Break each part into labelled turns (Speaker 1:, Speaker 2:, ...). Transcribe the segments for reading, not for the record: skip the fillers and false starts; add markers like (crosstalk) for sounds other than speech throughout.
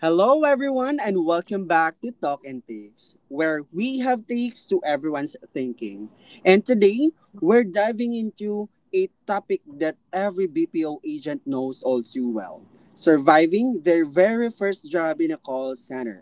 Speaker 1: Hello, everyone, and welcome back to Talk and Takes, where we have takes to everyone's thinking. And today, we're diving into a topic that every BPO agent knows all too well: surviving their very first job in a call center.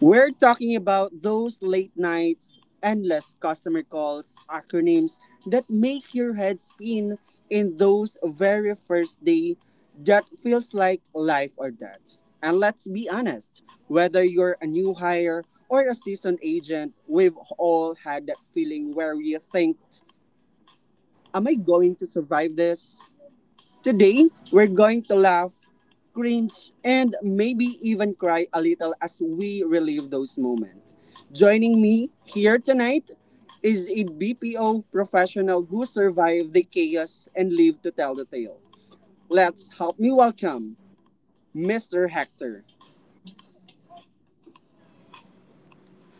Speaker 1: We're talking about those late nights, endless customer calls, acronyms that make your head spin in those very first day that feels like life or death. And let's be honest, whether you're a new hire or a seasoned agent, we've all had that feeling where we think, am I going to survive this? Today, we're going to laugh, cringe, and maybe even cry a little as we relive those moments. Joining me here tonight is a BPO professional who survived the chaos and lived to tell the tale. Let's help me welcome Mr. Hector.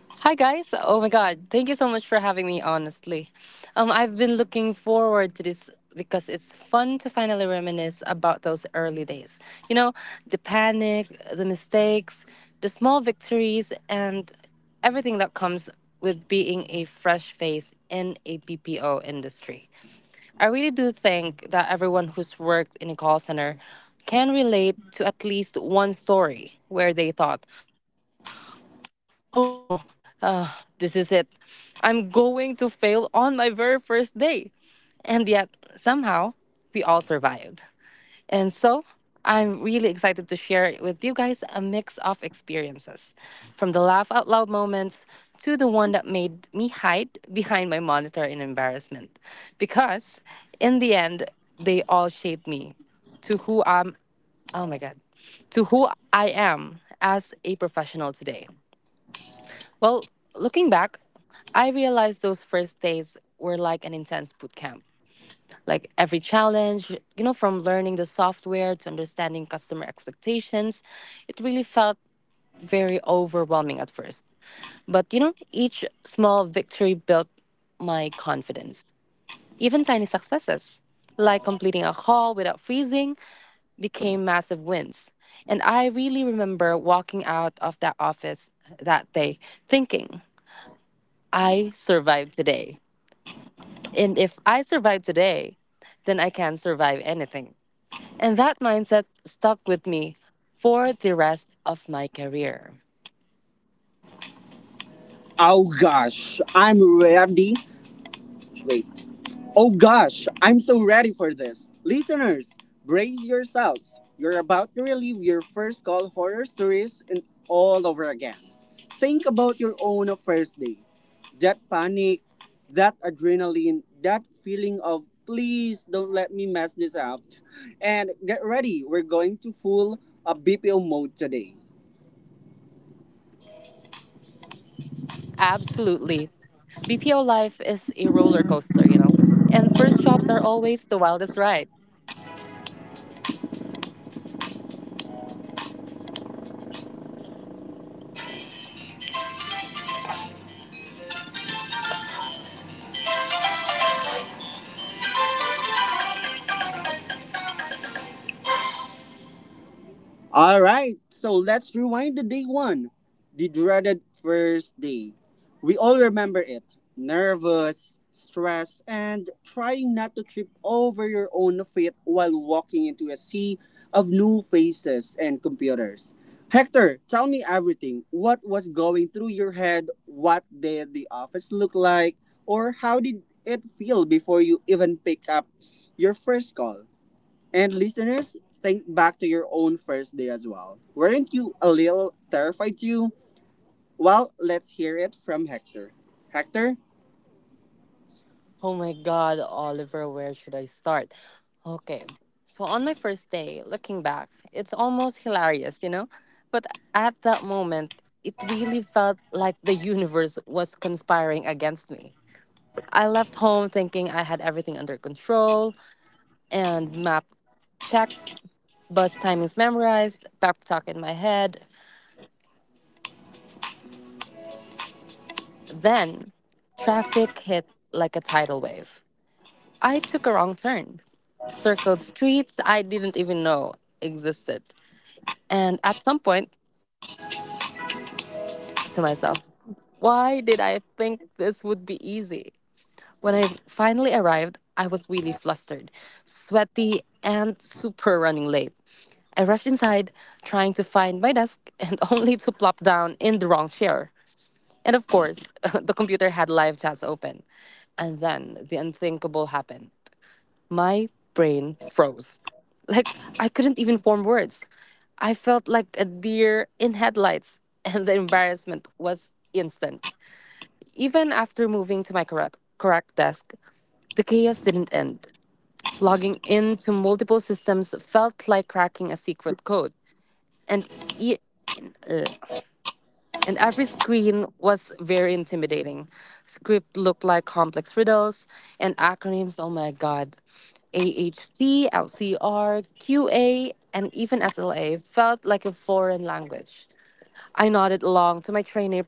Speaker 2: Hi guys. Oh my god. Thank you so much for having me honestly. I've been looking forward to this because it's fun to finally reminisce about those early days. You know, the panic, the mistakes, the small victories, and everything that comes with being a fresh face in a BPO industry. I really do think that everyone who's worked in a call center can relate to at least one story where they thought, oh no, uh, this is it. I'm going to fail on my very first day. And yet, somehow, we all survived. And so, I'm really excited to share with you guys a mix of experiences, from the laugh out loud moments to the one that made me hide behind my monitor in embarrassment. Because in the end, they all shaped me to who I'm oh my god, to who I am as a professional today. Well, looking back, I realized those first days were like an intense boot camp. Like every challenge, from learning the software to understanding customer expectations, it really felt very overwhelming at first. But, each small victory built my confidence. Even tiny successes, like completing a haul without freezing, became massive wins. And I really remember walking out of that office that day thinking, I survived today. And if I survive today, then I can survive anything. And that mindset stuck with me for the rest of my career.
Speaker 1: Oh gosh, I'm ready. Wait, oh gosh, I'm so ready for this. Listeners, brace yourselves. You're about to relive your first call horror stories and all over again. Think about your own first day. That panic, that adrenaline, that feeling of please don't let me mess this up. And get ready, we're going to full a BPO mode today.
Speaker 2: Absolutely. BPO life is a roller coaster. And first jobs are always the wildest ride.
Speaker 1: All right, so let's rewind the day one, the dreaded first day. We all remember it: nervous, stressed, and trying not to trip over your own feet while walking into a sea of new faces and computers. Hector, tell me everything. What was going through your head? What did the office look like? Or how did it feel before you even picked up your first call? And listeners, think back to your own first day as well. Weren't you a little terrified too? Well, let's hear it from Hector. Hector?
Speaker 2: Oh my God, Oliver, where should I start? Okay, so on my first day, looking back, it's almost hilarious, you know? But at that moment, it really felt like the universe was conspiring against me. I left home thinking I had everything under control, and map checked, bus timings memorized, pep talk in my head. Then traffic hit like a tidal wave. I took a wrong turn, circled streets I didn't even know existed. And at some point, I whispered to myself, why did I think this would be easy? When I finally arrived, I was really flustered, sweaty, and super running late. I rushed inside, trying to find my desk, and (laughs) only to plop down in the wrong chair. And of course, (laughs) the computer had live chats open. And then the unthinkable happened. My brain froze. Like I couldn't even form words. I felt like a deer in headlights, (laughs) and the embarrassment was instant. Even after moving to my correct desk, the chaos didn't end. Logging into multiple systems felt like cracking a secret code, and e- every screen was very intimidating. Script looked like complex riddles and acronyms. Oh my god. AHTLCRQA, and even SLA felt like a foreign language. I nodded along to my trainer.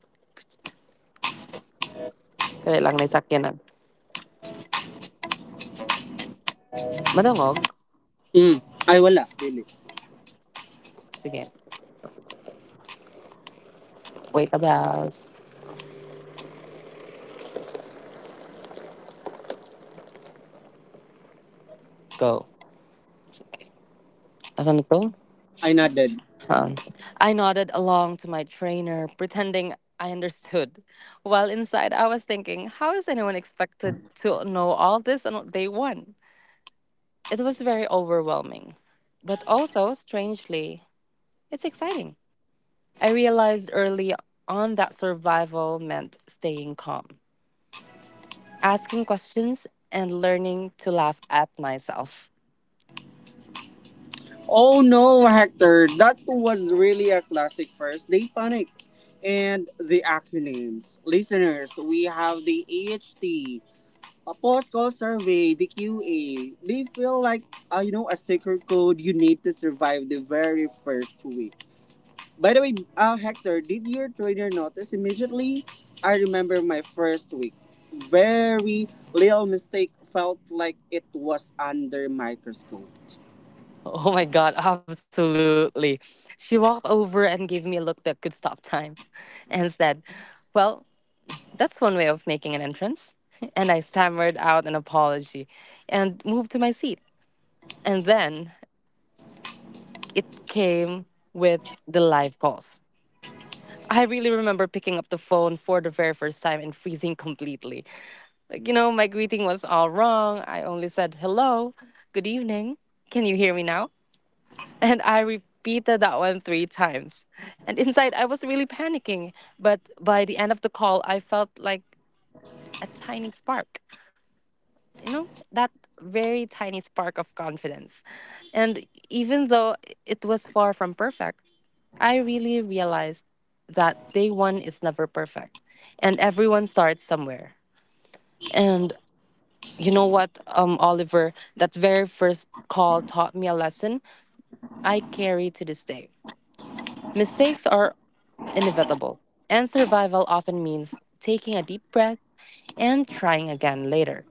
Speaker 2: Kaya lang na isakyanan. Madungog?
Speaker 1: Mm, ay wala, dili.
Speaker 2: Sige. Wait a bells. Go. Asan na to?
Speaker 1: I nodded.
Speaker 2: Um, I nodded along to my trainer, pretending I understood. While inside, I was thinking, how is anyone expected to know all this on day one? It was very overwhelming, but also, strangely, it's exciting. I realized early on that survival meant staying calm, asking questions, and learning to laugh at myself. (laughs)
Speaker 1: Oh no, Hector, that was really a classic first day panic. And the acronyms. Listeners, we have the AHT, a post-call survey, the QA. They feel like, you know, a secret code you need to survive the very first week. By the way, Hector, did your trainer notice immediately? I remember my first week. Very little mistake felt like it was under microscope.
Speaker 2: Oh my god, absolutely. She walked over and gave me a look that could stop time and said, well, that's one way of making an entrance. (laughs) And I stammered out an apology and moved to my seat. And then it came with the live calls. I really remember picking up the phone for the very first time and freezing completely. Like, my greeting was all wrong. I only said, hello, good evening. Can you hear me now? (laughs) And I repeated that one three times. And inside, I was really panicking. But by the end of the call, I felt like a tiny spark. That very tiny spark of confidence, and even though it was far from perfect, I really realized that day one is never perfect and everyone starts somewhere. And you know what, Oliver, that very first call taught me a lesson I carry to this day. Mistakes are inevitable, and survival often means taking a deep breath and trying again later.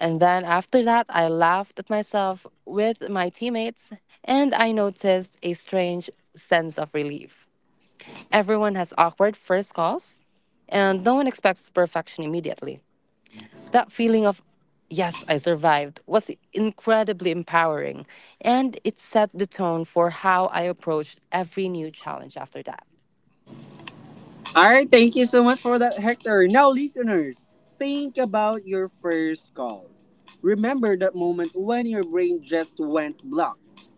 Speaker 2: And then after that, I laughed at myself with my teammates and I noticed a strange sense of relief. Everyone has awkward first calls and no one expects perfection immediately. That feeling of, yes, I survived, was incredibly empowering, and it set the tone for how I approached every new challenge after that.
Speaker 1: All right, thank you so much for that, Hector. Now, listeners, think about your first call. Remember that moment when your brain just went blocked.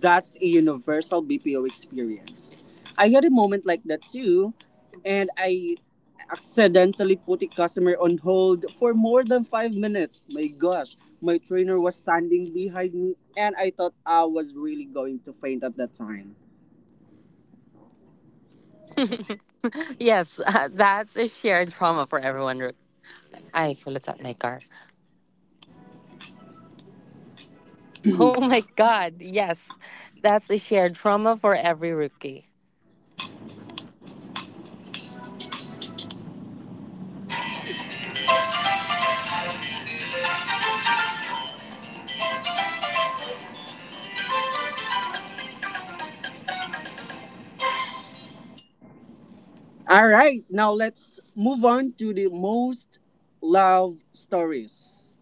Speaker 1: That's a universal BPO experience. I had a moment like that too, and I accidentally put a customer on hold for more than 5 minutes. My gosh, my trainer was standing behind me and I thought I was really going to faint at that time.
Speaker 2: Yes, (laughs) that's a shared trauma for everyone. Rick. Ay, kulit sa naikar. Oh my God, yes. That's a shared trauma for every rookie.
Speaker 1: All right, now let's move on to the most love stories.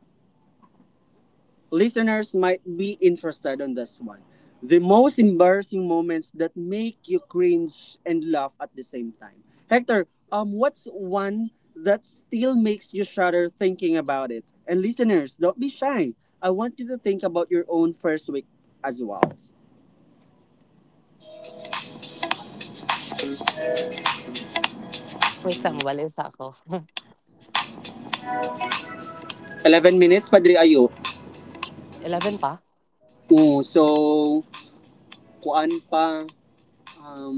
Speaker 1: Listeners might be interested on this one. The most embarrassing moments that make you cringe and laugh at the same time. Hector, what's one that still makes you shudder thinking about it? And listeners, don't be shy. I want you to think about your own first week as well.
Speaker 2: Wait, sa mabalis ako.
Speaker 1: 11 minutes, Padre Ayo.
Speaker 2: 11 pa?
Speaker 1: Oo, so, kuan pa, um,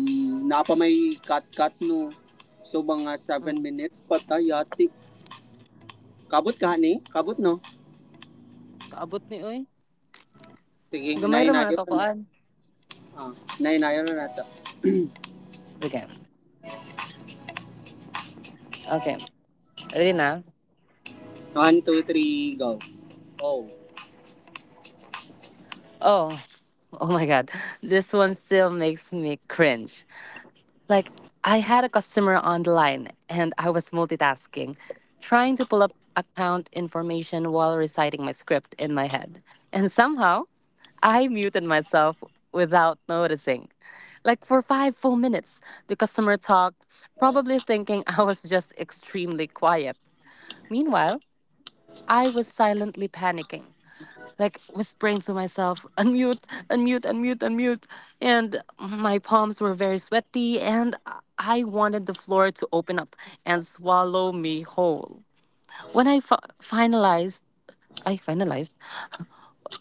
Speaker 1: napa may cut-cut no. So, mga 7
Speaker 2: Mm.
Speaker 1: minutes pa tayo, ati. Kabot ka, ni? Kabot, no?
Speaker 2: Kaabot ni Uy.
Speaker 1: Sige,
Speaker 2: Gamay ra man
Speaker 1: inayo-inayo na natin.
Speaker 2: atokoan.
Speaker 1: Ah, inayo-inayo na natin.
Speaker 2: Okay, okay. Ready na?
Speaker 1: One, two, three, go. Oh.
Speaker 2: Oh, oh my God. This one still makes me cringe. Like, I had a customer on the line and I was multitasking, trying to pull up account information while reciting my script in my head. And somehow, I muted myself without noticing. Like, for five full minutes, the customer talked, probably thinking (laughs) I was just extremely quiet. Meanwhile, I was silently panicking, like whispering to myself, unmute, unmute, unmute, unmute. And my palms were very sweaty, and I wanted the floor to open up and swallow me whole. When I fi- finalized, I finalized,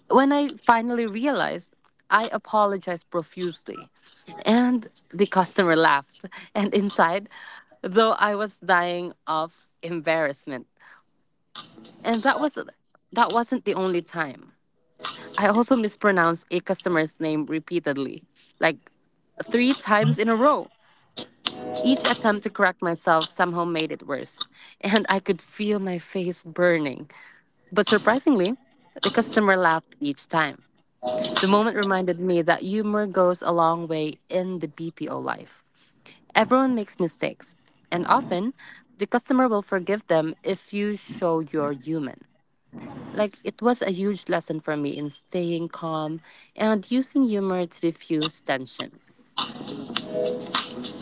Speaker 2: when I finally realized, I apologized profusely. And the customer laughed. And inside, though, I was dying of embarrassment. And that wasn't the only time. I also mispronounced a customer's name repeatedly, like three times in a row. Each attempt to correct myself somehow made it worse, (laughs) and I could feel my face burning. But surprisingly, the customer laughed each time. The moment reminded me that humor goes a long way in the BPO life. Everyone makes mistakes, and often the customer will forgive them if you show you're human. Like it was a huge lesson for me in staying calm and using humor to diffuse tension.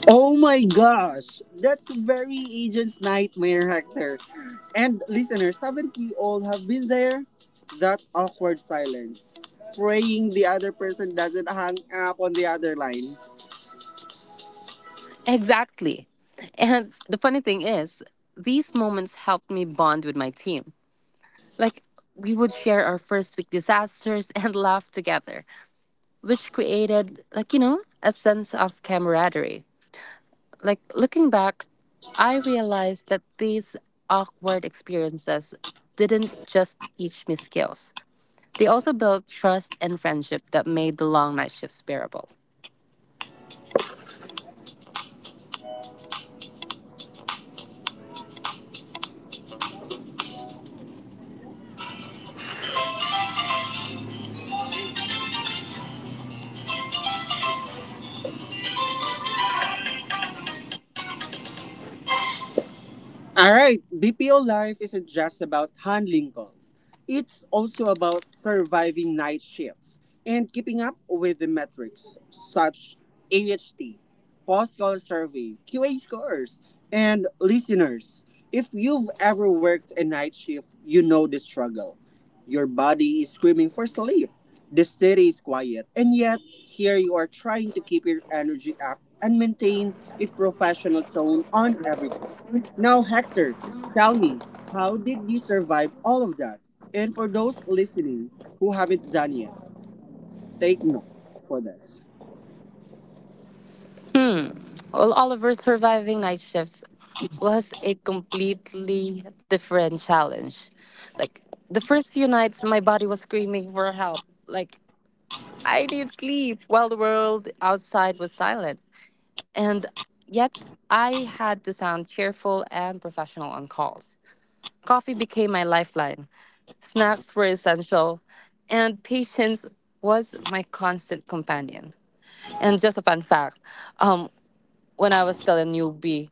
Speaker 1: Oh my gosh! That's very agent's nightmare, Hector. And listeners, haven't we all have been there? That awkward silence. Praying the other person doesn't hang up on the other line.
Speaker 2: Exactly. And the funny thing is, these moments helped me bond with my team. Like, we would share our first week disasters (laughs) and laugh together, which created, like, a sense of camaraderie. Like, looking back, I realized that these awkward experiences didn't just teach me skills. They also built trust and friendship that made the long night shifts bearable.
Speaker 1: All right, BPO life isn't just about handling calls. It's also about surviving night shifts and keeping up with the metrics such AHT, post call survey, QA scores, and listeners. If you've ever worked a night shift, you know the struggle. Your body is screaming for sleep. The city is quiet, and yet here you are trying to keep your energy up and maintain a professional tone on every call. Now, Hector, tell me, how did you survive all of that? And for those listening who haven't done yet, take notes for this.
Speaker 2: All Oliver's surviving night shifts was a completely different challenge. Like the first few nights, my body was screaming for help. Like I need sleep, while the world outside was silent. And yet, I had to sound cheerful and professional on calls. Coffee became my lifeline. Snacks were essential, and patience was my constant companion. And just a fun fact, um, when I was still a newbie,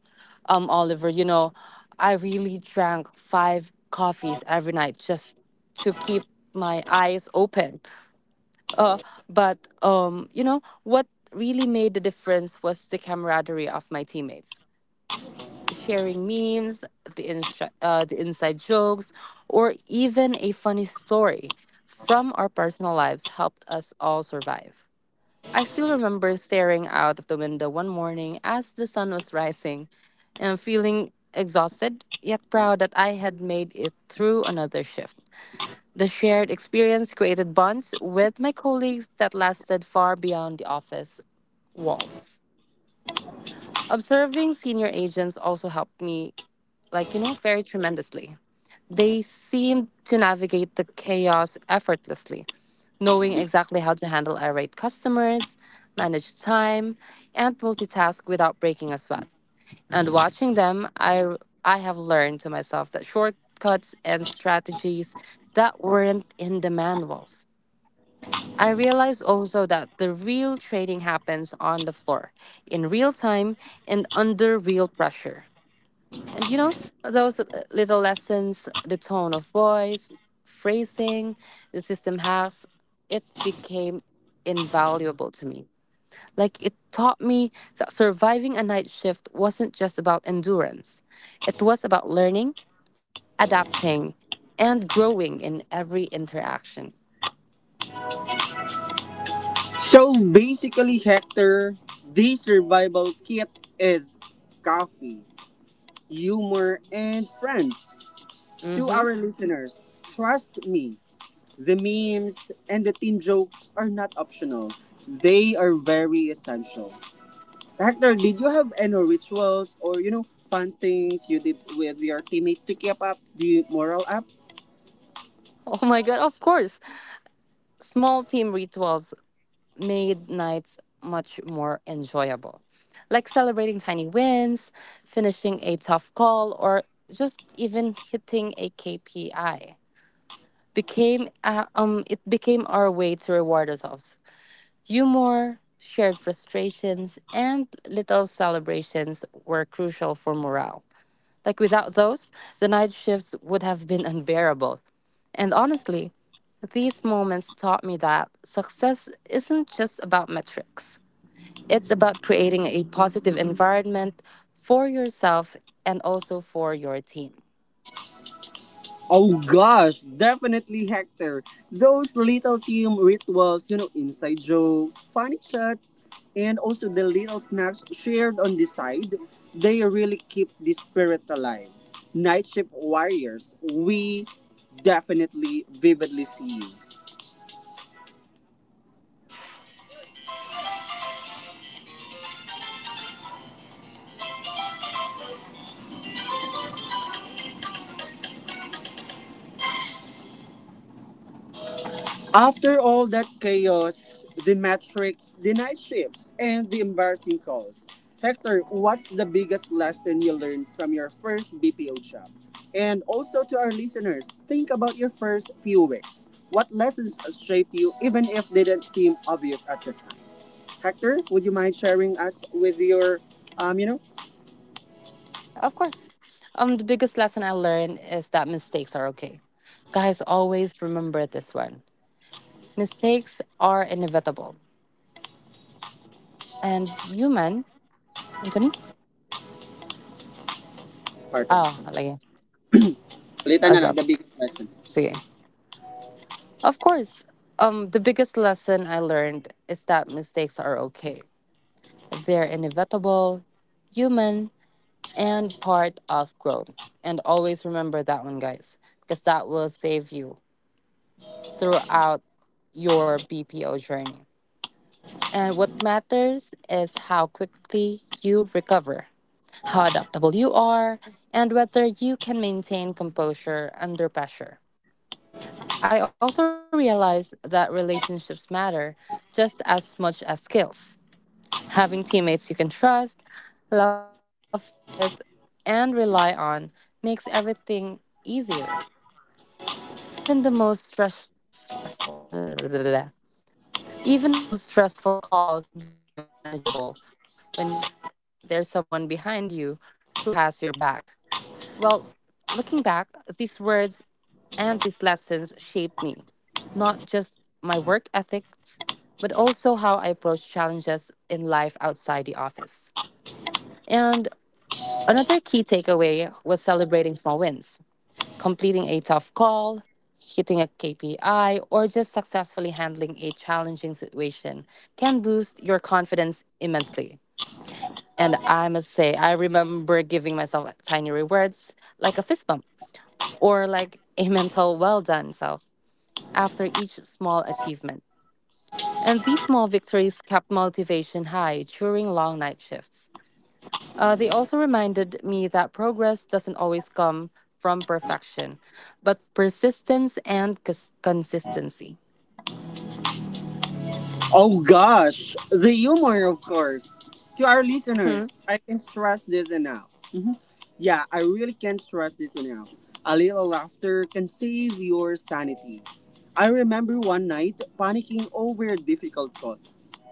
Speaker 2: Oliver, I really drank five coffees every night just to keep my eyes open. Uh, but what really made the difference was the camaraderie of my teammates, sharing memes, the inside jokes, or even a funny story from our personal lives helped us all survive. I still remember staring out of the window one morning as the sun was rising and feeling exhausted yet proud that I had made it through another shift. The shared experience created bonds with my colleagues that lasted far beyond the office walls. Observing senior agents also helped me, like, very tremendously. They seemed to navigate the chaos effortlessly, knowing exactly how to handle irate customers, manage time, and multitask without breaking a sweat. And watching them, I have learned to myself that shortcuts and strategies that weren't in the manuals. I realized also that the real training happens on the floor, in real time, and under real pressure. And those little lessons, the tone of voice, phrasing, the system has, it became invaluable to me. Like it taught me that surviving a night shift wasn't just about endurance, it was about learning, adapting, and growing in every interaction.
Speaker 1: So basically, Hector, the survival kit is coffee, humor, and friends. To
Speaker 2: Hmm.
Speaker 1: our listeners, trust me, the memes and the team jokes are not optional, they are very essential. Hector, did you have any rituals or fun things you did with your teammates to keep up the morale up?
Speaker 2: Oh my God, of course. Small team rituals made nights much more enjoyable. Like celebrating tiny wins, finishing a tough call, or just even hitting a KPI. Became it became our way to reward ourselves. Humor, shared frustrations, and little celebrations were crucial for morale. Like without those, the night shifts would have been unbearable. And honestly, these moments taught me that success isn't just about metrics. It's about creating a positive environment for yourself and also for your team.
Speaker 1: Oh gosh, definitely Hector. Those little team rituals, inside jokes, funny chat, and also the little snacks shared on the side, they really keep the spirit alive. Night shift warriors, we definitely vividly see you. After all that chaos, the metrics, the night shifts, and the embarrassing calls, Hector, what's the biggest lesson you learned from your first BPO job? And also to our listeners, think about your first few weeks. What lessons shaped you, even if they didn't seem obvious at the time? Hector, would you mind sharing us with your, um, you know,
Speaker 2: Of course, the biggest lesson I learned is that mistakes are okay. Guys, always remember this one. Mistakes are inevitable. And human, Anthony?
Speaker 1: part of
Speaker 2: Oh,
Speaker 1: it?
Speaker 2: lagi.
Speaker 1: Ulitan na lang,
Speaker 2: Azab.
Speaker 1: the biggest lesson.
Speaker 2: Sige. Of course, the biggest lesson I learned is that mistakes are okay. They're inevitable, human, and part of growth. And always remember that one, guys, because that will save you throughout your BPO journey. And what matters is how quickly you recover, how adaptable you are, and whether you can maintain composure under pressure. I also realized that relationships matter just as much as skills. Having teammates you can trust, laugh with, and rely on makes everything easier, even the most stressful (laughs) even the most stressful calls become manageable when you know that there's someone behind you who has your back. Well, looking back, these words and these lessons shaped me, not just my work ethics but also how I approach challenges in life outside the office. And another key takeaway was celebrating small wins. Completing a tough call, hitting a KPI, or just successfully handling a challenging situation can boost your confidence immensely. And I must say, I remember giving myself tiny rewards like a fist bump or like a (laughs) mental well done self after each small achievement. And these small victories kept motivation high during long night shifts. They also reminded me that progress doesn't always come from perfection, but persistence and consistency.
Speaker 1: Oh gosh, the humor, of course. To our
Speaker 2: Hmm.
Speaker 1: listeners, I can stress this enough. Mhm. Yeah, I really can't stress this enough. A little laughter can save your sanity. I remember one night panicking over a difficult thought.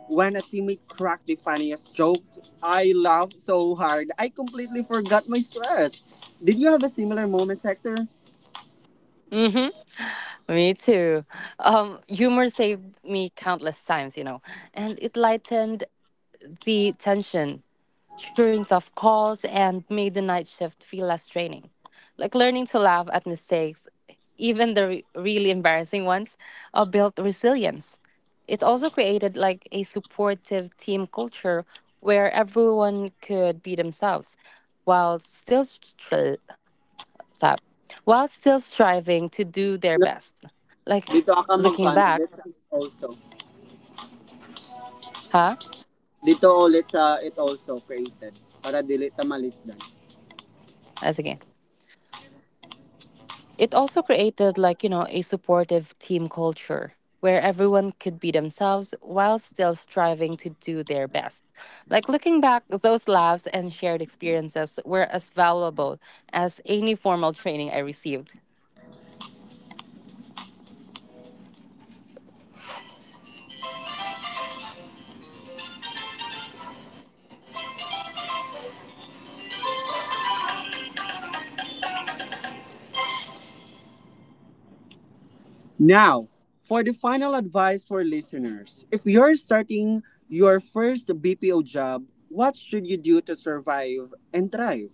Speaker 1: When a teammate cracked the funniest joke, I laughed so hard I completely forgot my stress. Did you have a similar moment, Hector?
Speaker 2: Hmm. Me too. Humor saved me countless times, and it lightened the tension during tough calls and made the night shift feel less draining. Like learning to laugh at mistakes, even the really embarrassing ones, built resilience. It also created like a supportive team culture where everyone could be themselves while sa- while still striving to do their
Speaker 1: No,
Speaker 2: best. Like
Speaker 1: dito ako
Speaker 2: looking
Speaker 1: magkano.
Speaker 2: back,
Speaker 1: That's also.
Speaker 2: huh?
Speaker 1: Dito ulit sa it also created para dili ta malisdan.
Speaker 2: As again. It also created like, a supportive team culture where everyone could be themselves while still striving to do their best. Like looking back, those laughs and shared experiences were as valuable as any formal training I received.
Speaker 1: Now, for the final advice for listeners, if you're starting your first BPO job, what should you do to survive and thrive?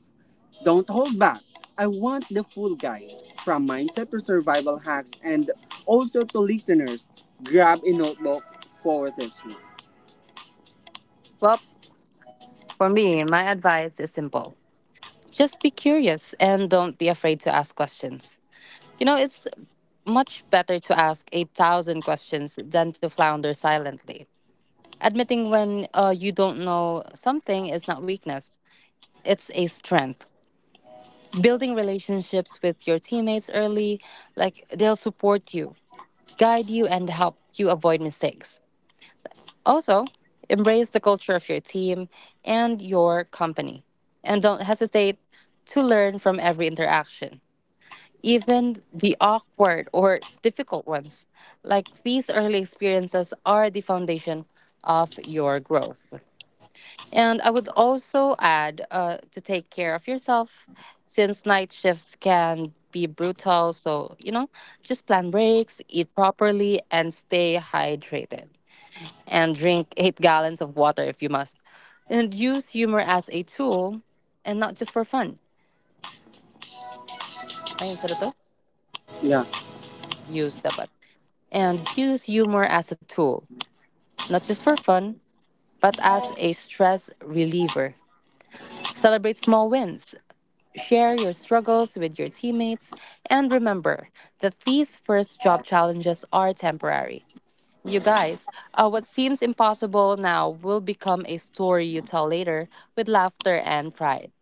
Speaker 1: Don't hold back. I want the full guide from mindset to survival hacks and also to listeners, grab a notebook for this one.
Speaker 2: Well, for me, my advice is simple. Just be curious and don't be afraid to ask questions. You know, it's much better to ask a thousand questions than to flounder silently. Admitting when you don't know something is not weakness, it's a strength. Building relationships with your teammates early, like they'll support you, guide you, and help you avoid mistakes. Also, embrace the culture of your team and your company. And don't hesitate to learn from every interaction, even the awkward or difficult ones. Like these early experiences are the foundation of your growth. And I would also add to take care of yourself, since night shifts can be brutal. So, you know, just plan breaks, eat properly, and stay hydrated. And drink 8 gallons of water if you must. And use humor as a tool and not just for fun. Ayun, sa to?
Speaker 1: Yeah.
Speaker 2: Use dapat. And use humor as a tool, not just for fun, but as a stress reliever. Celebrate small wins. Share your struggles with your teammates, and remember that these first job challenges are temporary. You guys, what seems impossible now will become a story you tell later with laughter and pride.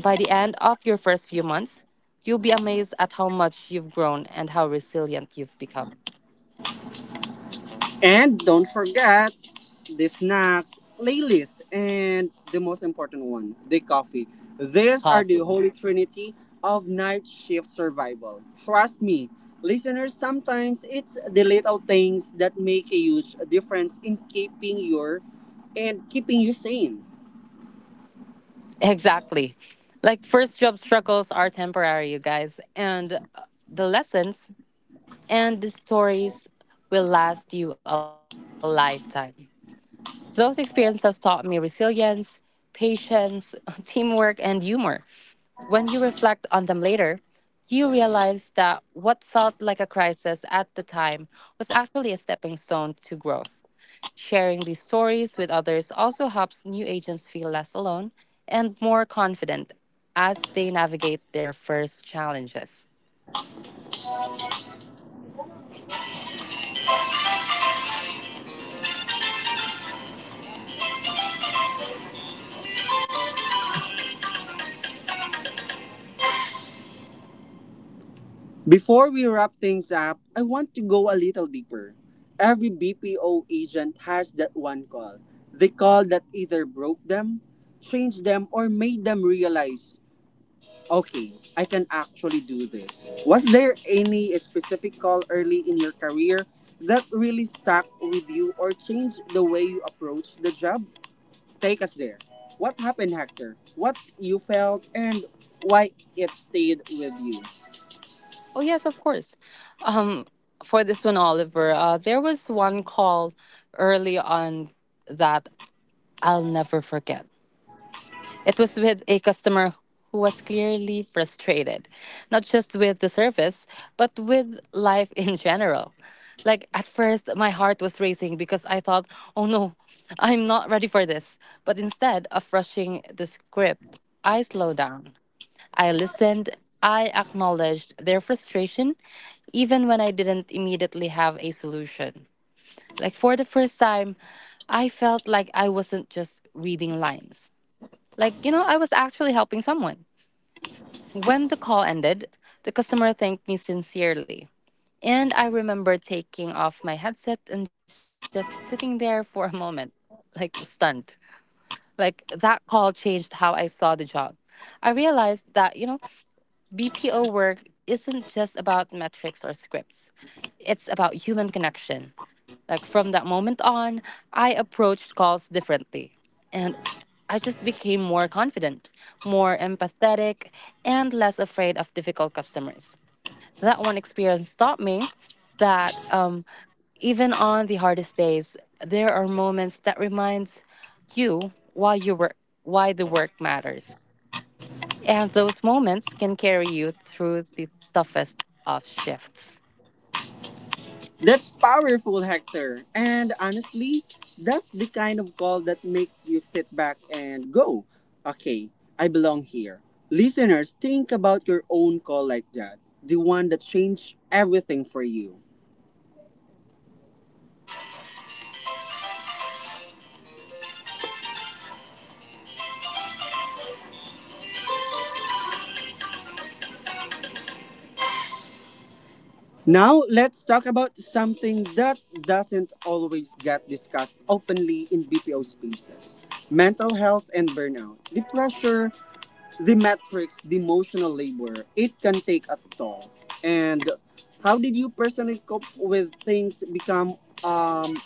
Speaker 2: By the end of your first few months, you'll be amazed at how much you've grown and how resilient you've become.
Speaker 1: And don't forget the snacks, playlist, and the most important one, the coffee. These are the
Speaker 2: Awesome.
Speaker 1: holy trinity of night shift survival. Trust me, listeners, sometimes it's the little things that make a huge difference in keeping your and keeping you sane.
Speaker 2: Exactly. Like first job struggles are temporary, you guys, and the lessons and the stories will last you a lifetime. Those experiences taught me resilience, patience, (laughs) teamwork, and humor. When you reflect on them later, you realize that what felt like a crisis at the time was actually a stepping stone to growth. Sharing these stories with others also helps new agents feel less alone and more confident as they navigate their first challenges.
Speaker 1: Before we wrap things up, I want to go a little deeper. Every BPO agent has that one call. The call that either broke them, changed them, or made them realize okay, I can actually do this. Was there any specific call early in your career that really stuck with you or changed the way you approach the job? Take us there. What happened, Hector? What you felt and why it stayed with you?
Speaker 2: Oh yes, of course. Um, for this one, Oliver, there was one call early on that I'll never forget. It was with a customer who was clearly frustrated, not just with the service, but with life (laughs) in general. Like at first, my heart was racing because I thought, "Oh no, I'm not ready for this." But instead of rushing the script, I slowed down. I listened. I acknowledged their frustration, even when I didn't immediately have a solution. Like, for the first time, I felt like I wasn't just reading lines. Like, you know, I was actually helping someone. When the call ended, the customer thanked me sincerely. And I remember taking off my headset and just sitting there for a moment, like stunned. Like, that call changed how I saw the job. I realized that, you know, BPO work isn't just about metrics or scripts. It's about human connection. Like from that moment on, I approached calls differently. And I just became more confident, more empathetic, and less afraid of difficult customers. That one experience taught me that even on the hardest days, there are moments that reminds you why you work, why the work matters. And those moments can carry you through the toughest of shifts.
Speaker 1: That's powerful, Hector. And honestly, that's the kind of call that makes you sit back and go, okay, I belong here. Listeners, think about your own call like that, the one that changed everything for you. Now, let's talk about something that doesn't always get discussed openly in BPO spaces: mental health and burnout, the pressure, the metrics, the emotional labor, it can take a toll. And how did you personally cope with things become um,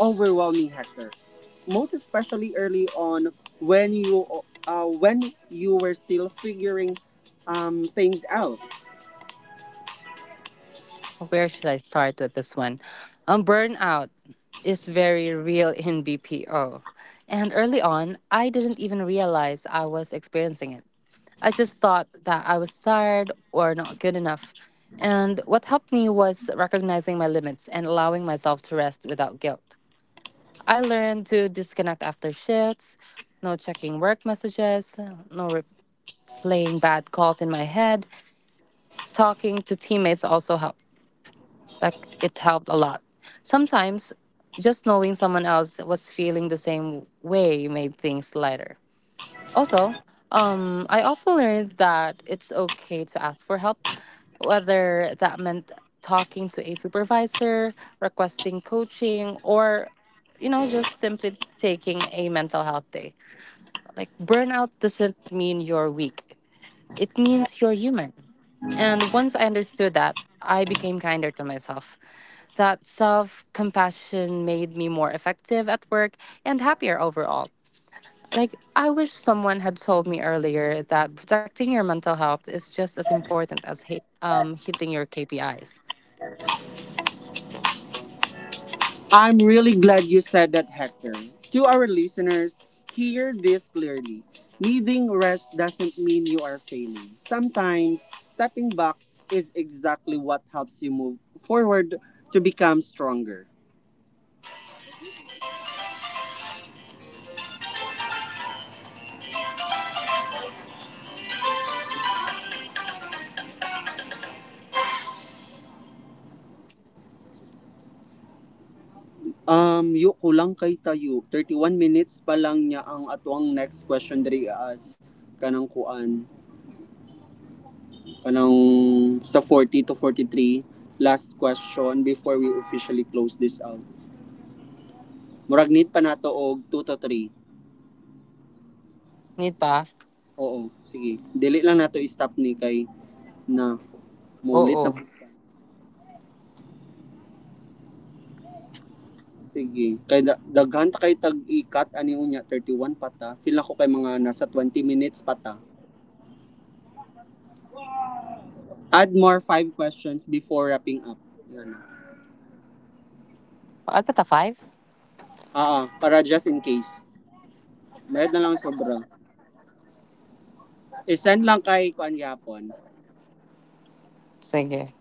Speaker 1: overwhelming, Hector? Most especially early on when you when you were still figuring things out.
Speaker 2: Where should I start with this one? Burnout is very real in BPO. And early on, I didn't even realize I was experiencing it. I just thought that I was tired or not good enough. And what helped me was recognizing my limits and allowing myself to rest without guilt. I learned to disconnect after shifts, no checking work messages, no playing bad calls in my head. Talking to teammates also helped. Like it helped a lot. Sometimes just knowing someone else was feeling the same way made things lighter. Also, I also learned that it's okay to ask for help, whether that meant talking to a supervisor, requesting coaching, or you know, just simply taking a mental health day. Like burnout doesn't mean you're weak. It means you're human. And once I understood that, I became kinder to myself. That self compassion made me more effective at work and happier overall. Like, I wish someone had told me earlier that protecting your mental health is just as important as hitting your KPIs.
Speaker 1: I'm really glad you said that, Hector. To our listeners, hear this clearly. Needing rest doesn't mean you are failing. Sometimes, stepping back is exactly what helps you move forward to become stronger. Yu kulang kay tayo. 31 minutes pa lang niya ang atuang next question diri as kanang kuan, kanang sa 40 to 43 last question before we officially close this out. Murag need pa nato og two to three.
Speaker 2: Need ba?
Speaker 1: Oo, sige. Dili lang nato i-stop ni kay na maulit na
Speaker 2: Oo.
Speaker 1: puta. Sige. Kay daghan ta kay tag ikat ani unya one pata. Feel ako kay mga nasa 20 minutes pata. Add more five questions before wrapping up. Yan.
Speaker 2: Paal pa ta five?
Speaker 1: Ah, ah, para just in case. Mayad na lang sobra. I-send lang kay kuan yapon.
Speaker 2: Sige.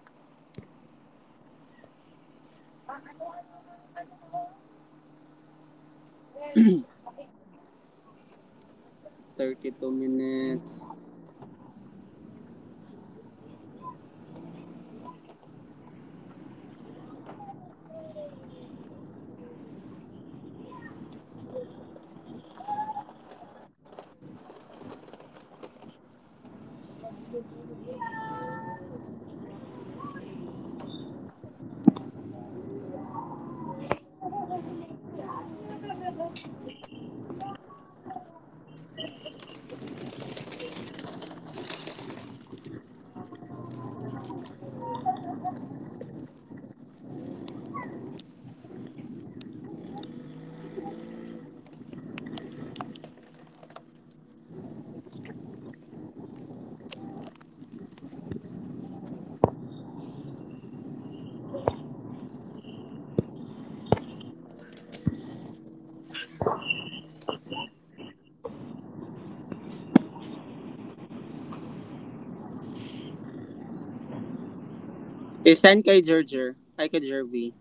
Speaker 1: 2 minutes. I-send kay Jerjer. Ay kay Jervy.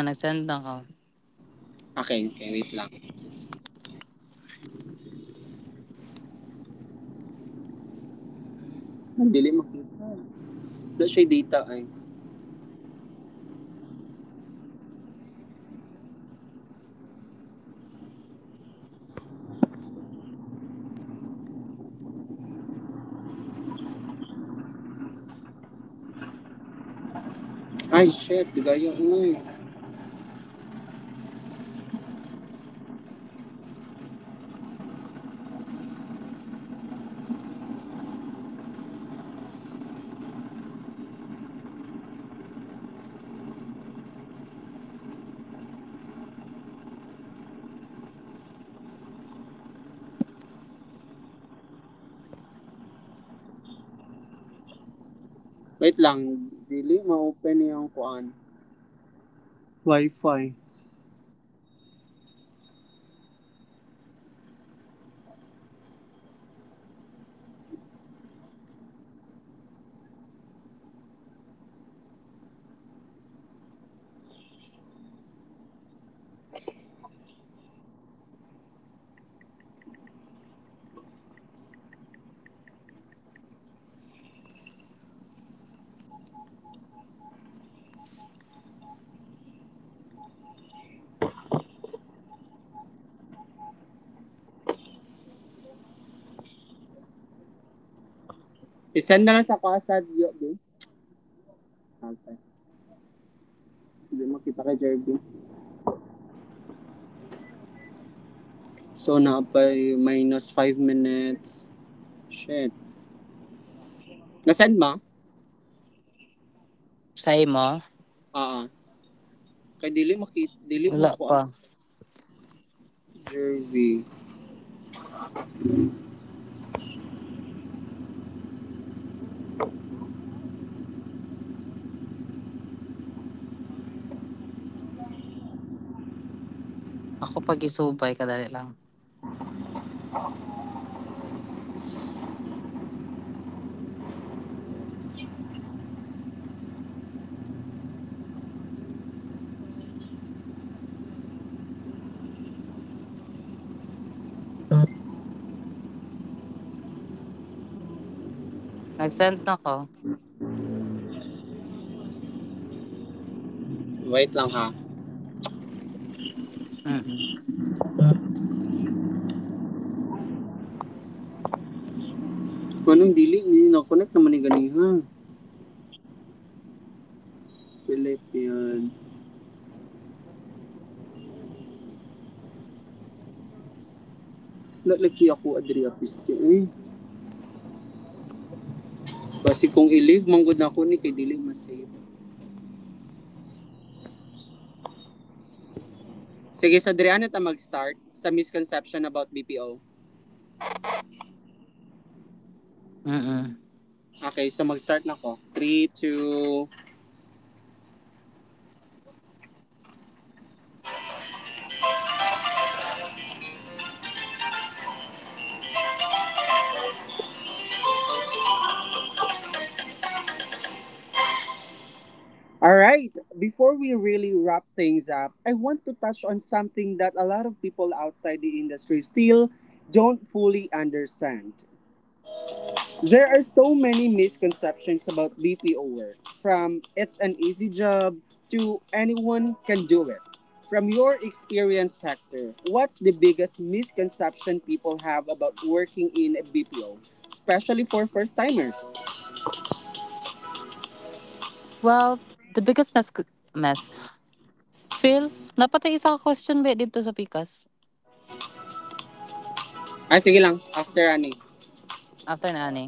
Speaker 2: Ah, nag-send na ko.
Speaker 1: Okay, okay, wait lang. Ang dili makita. Na siya data ay. Ay, shit, dugayo. Uy. Wait lang, dili ma-open yung kuan. Wi-Fi. I-send na lang sa kasad yo, di. Okay. Hindi makita kay Jerby. So na by minus 5 minutes. Shit. Na-send ma?
Speaker 2: Sa'yo mo?
Speaker 1: Ah, ah. Kay dili makita, dili
Speaker 2: Wala
Speaker 1: makuan
Speaker 2: pa.
Speaker 1: Jerby.
Speaker 2: Ako pag isubay, kadali lang. Nag-send na ko.
Speaker 1: Wait lang ha.
Speaker 2: Mm-mm.
Speaker 1: Manong dili ni na-connect naman ni gani ha. Philippine. Lalaki ako adri piste eh. Kasi kung i-leave manggod na ako ni kay dili mas safe. Sige, so Adriana ta mag-start sa misconception about BPO.
Speaker 2: Mm-mm.
Speaker 1: Okay, so mag-start na ko. 3, 2... Alright, before we really wrap things up, I want to touch on something that a lot of people outside the industry still don't fully understand. There are so many misconceptions about BPO work, from it's an easy job to anyone can do it. From your experience, Hector, what's the biggest misconception people have about working in a BPO, especially for first-timers?
Speaker 2: Well, the biggest mess mess. Phil, napatay isa ka question ba dito sa Pikas?
Speaker 1: Ay, sige lang, after ani.
Speaker 2: After na ani.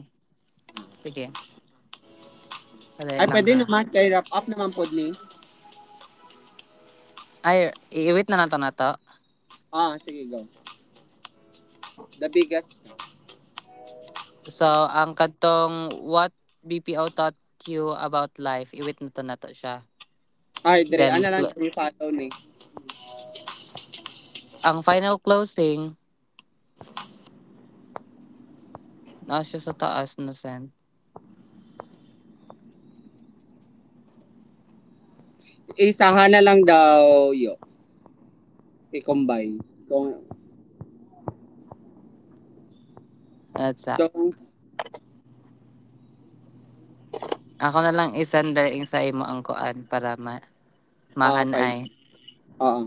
Speaker 2: Sige, kadali
Speaker 1: Ay,
Speaker 2: lang
Speaker 1: pwede
Speaker 2: ha.
Speaker 1: naman. Kay wrap up naman po ni.
Speaker 2: Ay, iiwit na nato na to.
Speaker 1: Ah, sige, go. The biggest.
Speaker 2: So, ang kantong what BPO taught you about life, iwit na to na to siya.
Speaker 1: Ay, Dre,
Speaker 2: Then,
Speaker 1: ano lang tayo follow ni.
Speaker 2: ang final closing, na siya sa taas na send.
Speaker 1: Isahan na lang daw yo. I-combine. Kung,
Speaker 2: That's that.
Speaker 1: so,
Speaker 2: Ako na lang isend dahil sa imo ang kuan para ma
Speaker 1: ah, fine.
Speaker 2: mahanay.
Speaker 1: Oo.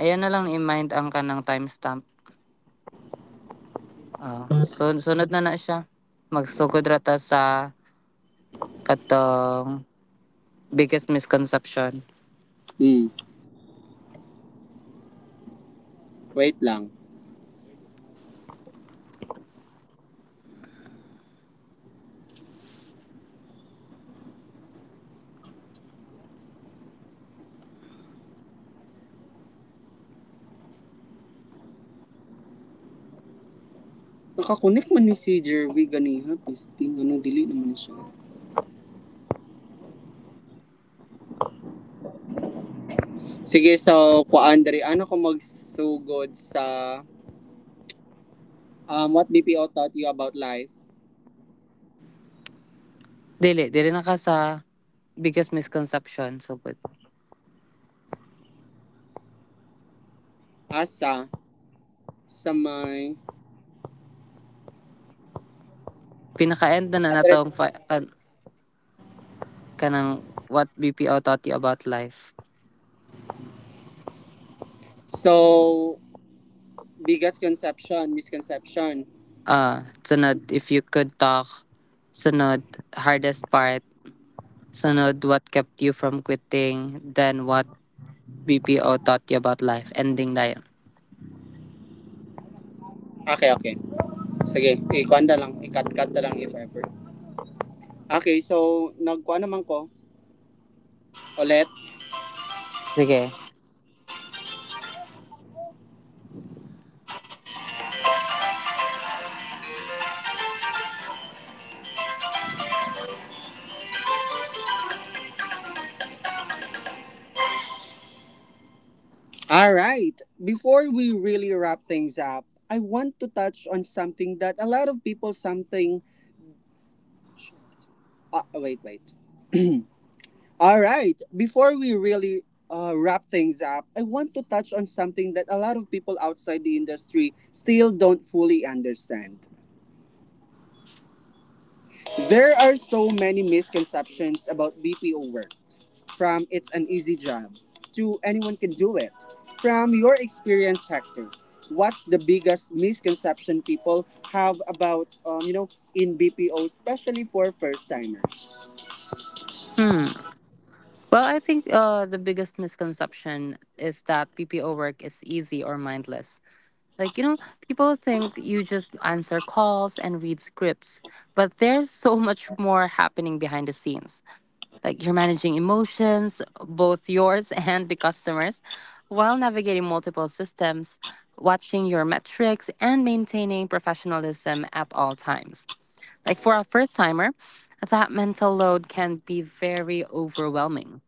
Speaker 2: Ayan na lang i-mind ang kanang timestamp. Oo, sunod na na siya. Magsugod ra sa katong biggest misconception.
Speaker 1: Hmm. Wait lang. Nakakunik man ni si Jervy ganiha. Pisting, ano, dili naman siya. Sige, so, kwa Andre, ano ko magsugod sa what BPO taught you about life?
Speaker 2: Dili na ka sa biggest misconception sugod.
Speaker 1: Asa sa may...
Speaker 2: Pinaka-end na na
Speaker 1: Andre,
Speaker 2: natong kanang what BPO taught you about life.
Speaker 1: so, biggest conception, misconception.
Speaker 2: Ah, sunod if you could talk. Sunod hardest part. Sunod what kept you from quitting. Then what BPO taught you about life. Ending na yun.
Speaker 1: Okay, okay. Sige, ikuan na lang. Ikat kat cut na lang if ever. Okay, so nagkuha naman ko ulit.
Speaker 2: Sige.
Speaker 1: Alright, before we really wrap things up, I want to touch on something that a lot of people something... Ah, wait, wait. Alright, before we really wrap things up, I want to touch on something that a lot of people outside the industry still don't fully understand. There are so many misconceptions about BPO work. From it's an easy job to anyone can do it. From your experience, Hector, what's the biggest misconception people have about, in BPO, especially for first timers?
Speaker 2: Hmm. Well, I think the biggest misconception is that PPO work is easy or mindless. Like, you know, people think you just answer calls and read scripts, but there's so (laughs) much more happening behind the scenes. Like, you're managing emotions, both yours (laughs) and the customers, while navigating multiple systems, watching your metrics, and maintaining professionalism at all times. Like, for a first timer, that mental load can be very overwhelming.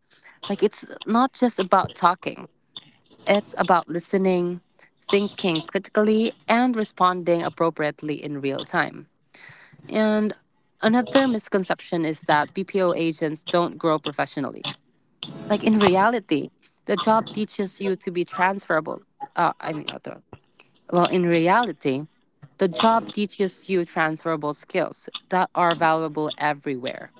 Speaker 2: Like it's not just about talking, it's about listening, thinking critically, and responding appropriately in real time. And another misconception is that BPO agents don't grow professionally. Like in reality, the job teaches you to be transferable. Uh, I mean, uh, well, in reality, the job teaches you transferable skills that are valuable everywhere,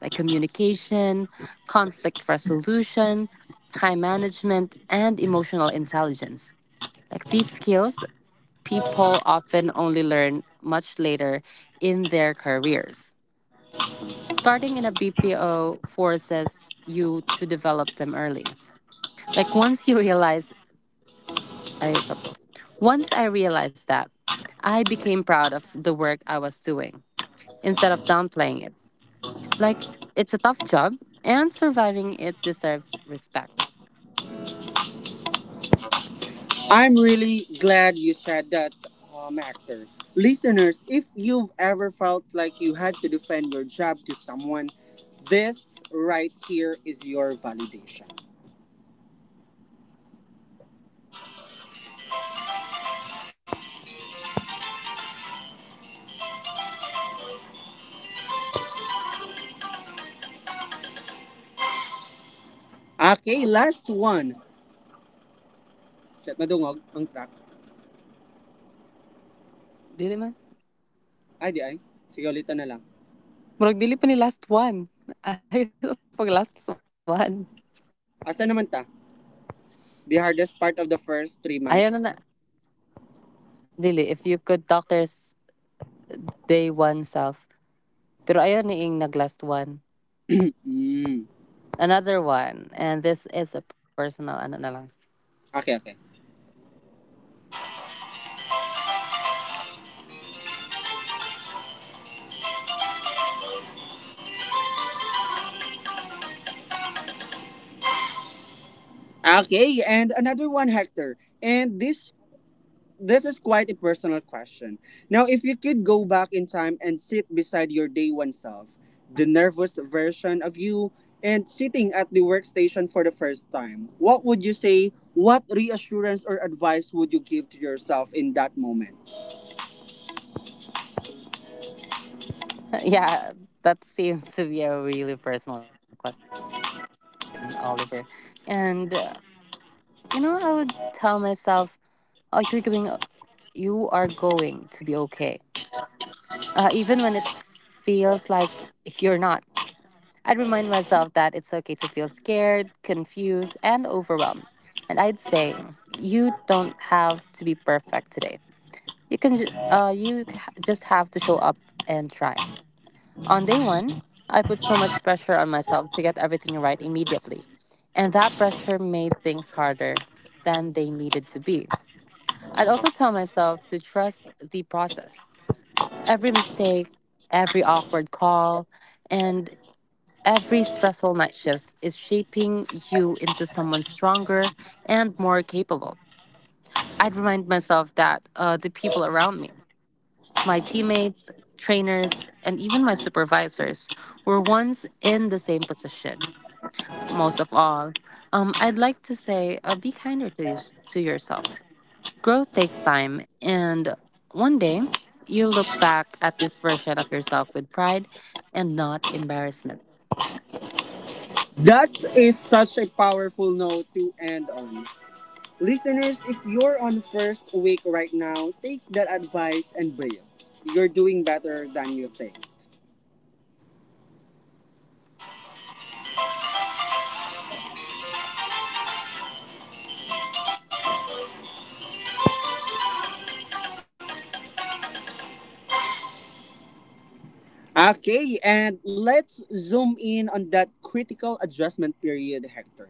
Speaker 2: like communication, conflict resolution, time management, and emotional intelligence. Like these skills, people often only learn much later in their careers. Starting in a BPO forces you to develop them early. Like once you realize, Once I realized that, I became proud of the work I was doing instead of downplaying it. Like, it's a tough job, and surviving it deserves respect.
Speaker 1: I'm really glad you said that, Hector. Listeners, if you've ever felt like you had to defend your job to someone, this right here is your validation. Okay, last one. Shit, madungog ang track.
Speaker 2: Dili man.
Speaker 1: Ay, di ay. Sige, ulitan na lang.
Speaker 2: Murag dili pa ni last one. (laughs) Ayaw na pag last one.
Speaker 1: Asa naman ta? The hardest part
Speaker 2: Ayaw
Speaker 1: of
Speaker 2: na
Speaker 1: the
Speaker 2: na.
Speaker 1: first 3 months.
Speaker 2: Dili, if you could doctor's day one self. Pero ayaw ni ing nag last one.
Speaker 1: (clears throat) Mm.
Speaker 2: Another one. And this is a personal ano na lang.
Speaker 1: Okay, okay. Okay, and another one, Hector. And this is quite a personal question. Now, if you could go back in time and sit beside your day one self, the nervous version of you, and sitting at the workstation for the first time, what would you say? What reassurance or advice would you give to yourself in that moment?
Speaker 2: (laughs) Yeah, that seems to be a really personal question, Oliver. And you know, I would tell myself, "Oh, you're doing. You are going to be okay." Even when it feels like you're not, I'd remind myself that it's okay to feel scared, confused, and overwhelmed. And I'd say, "You don't have to be perfect today. You can. Ju- you c- just have to show up and try." On day one, I put so much pressure on myself to get everything right immediately. And that pressure made things harder than they needed to be. I'd also tell myself to trust the process. Every mistake, every awkward call, and every stressful night shift is shaping you into someone stronger and more capable. I'd remind myself that the people around me, my teammates, trainers, and even my supervisors, were once in the same position. Most of all, I'd like to say, be kinder to, to yourself. Growth takes time, and one day you look back at this version of yourself with pride and not embarrassment.
Speaker 1: That is such a powerful note to end on. Listeners, if you're on first week right now, take that advice and breathe. You're doing better than you think. Okay, and let's zoom in on that critical adjustment period, Hector.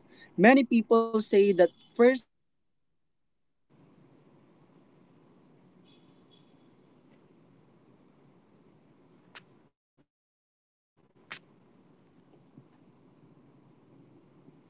Speaker 2: Feel the balls.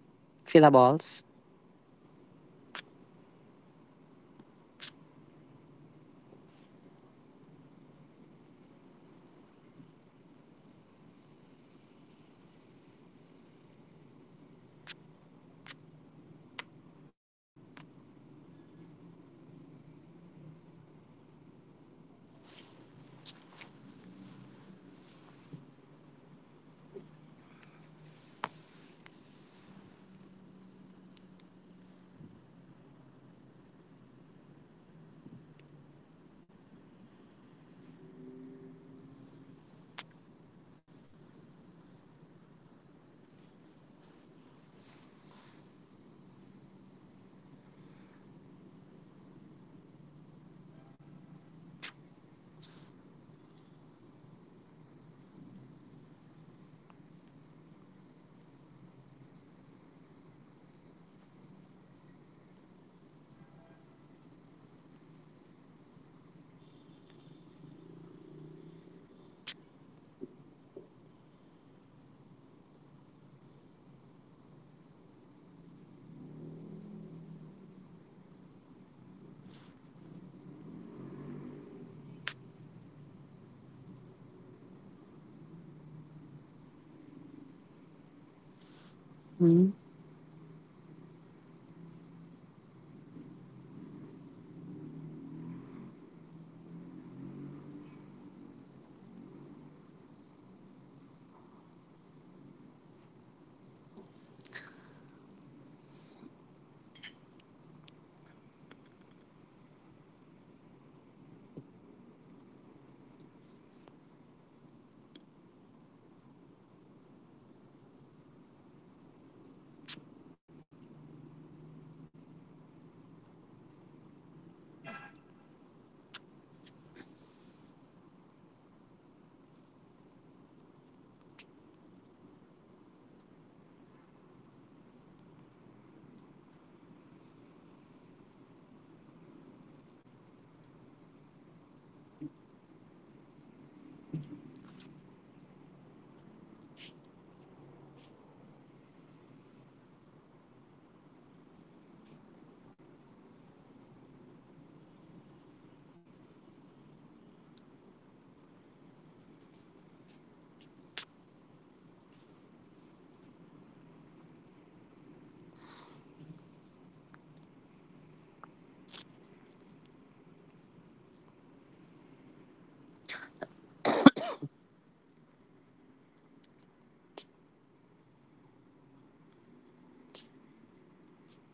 Speaker 2: Hmm?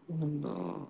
Speaker 2: No.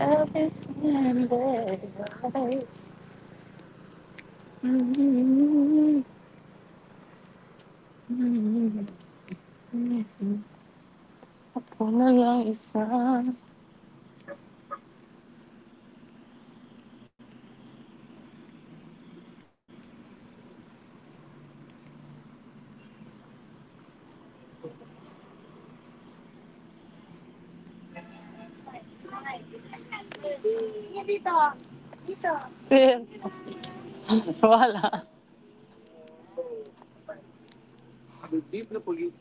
Speaker 2: Love is never right. Mhm. Ako na lang isa. Feel. Wala. Deep na pagi.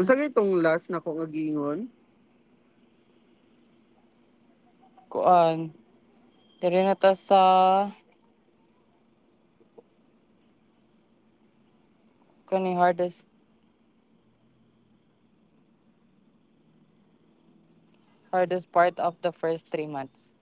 Speaker 2: Unsa kay tong last na kong agingon? Kuan. Diri na ta sa kaning hardest part of the first 3 months.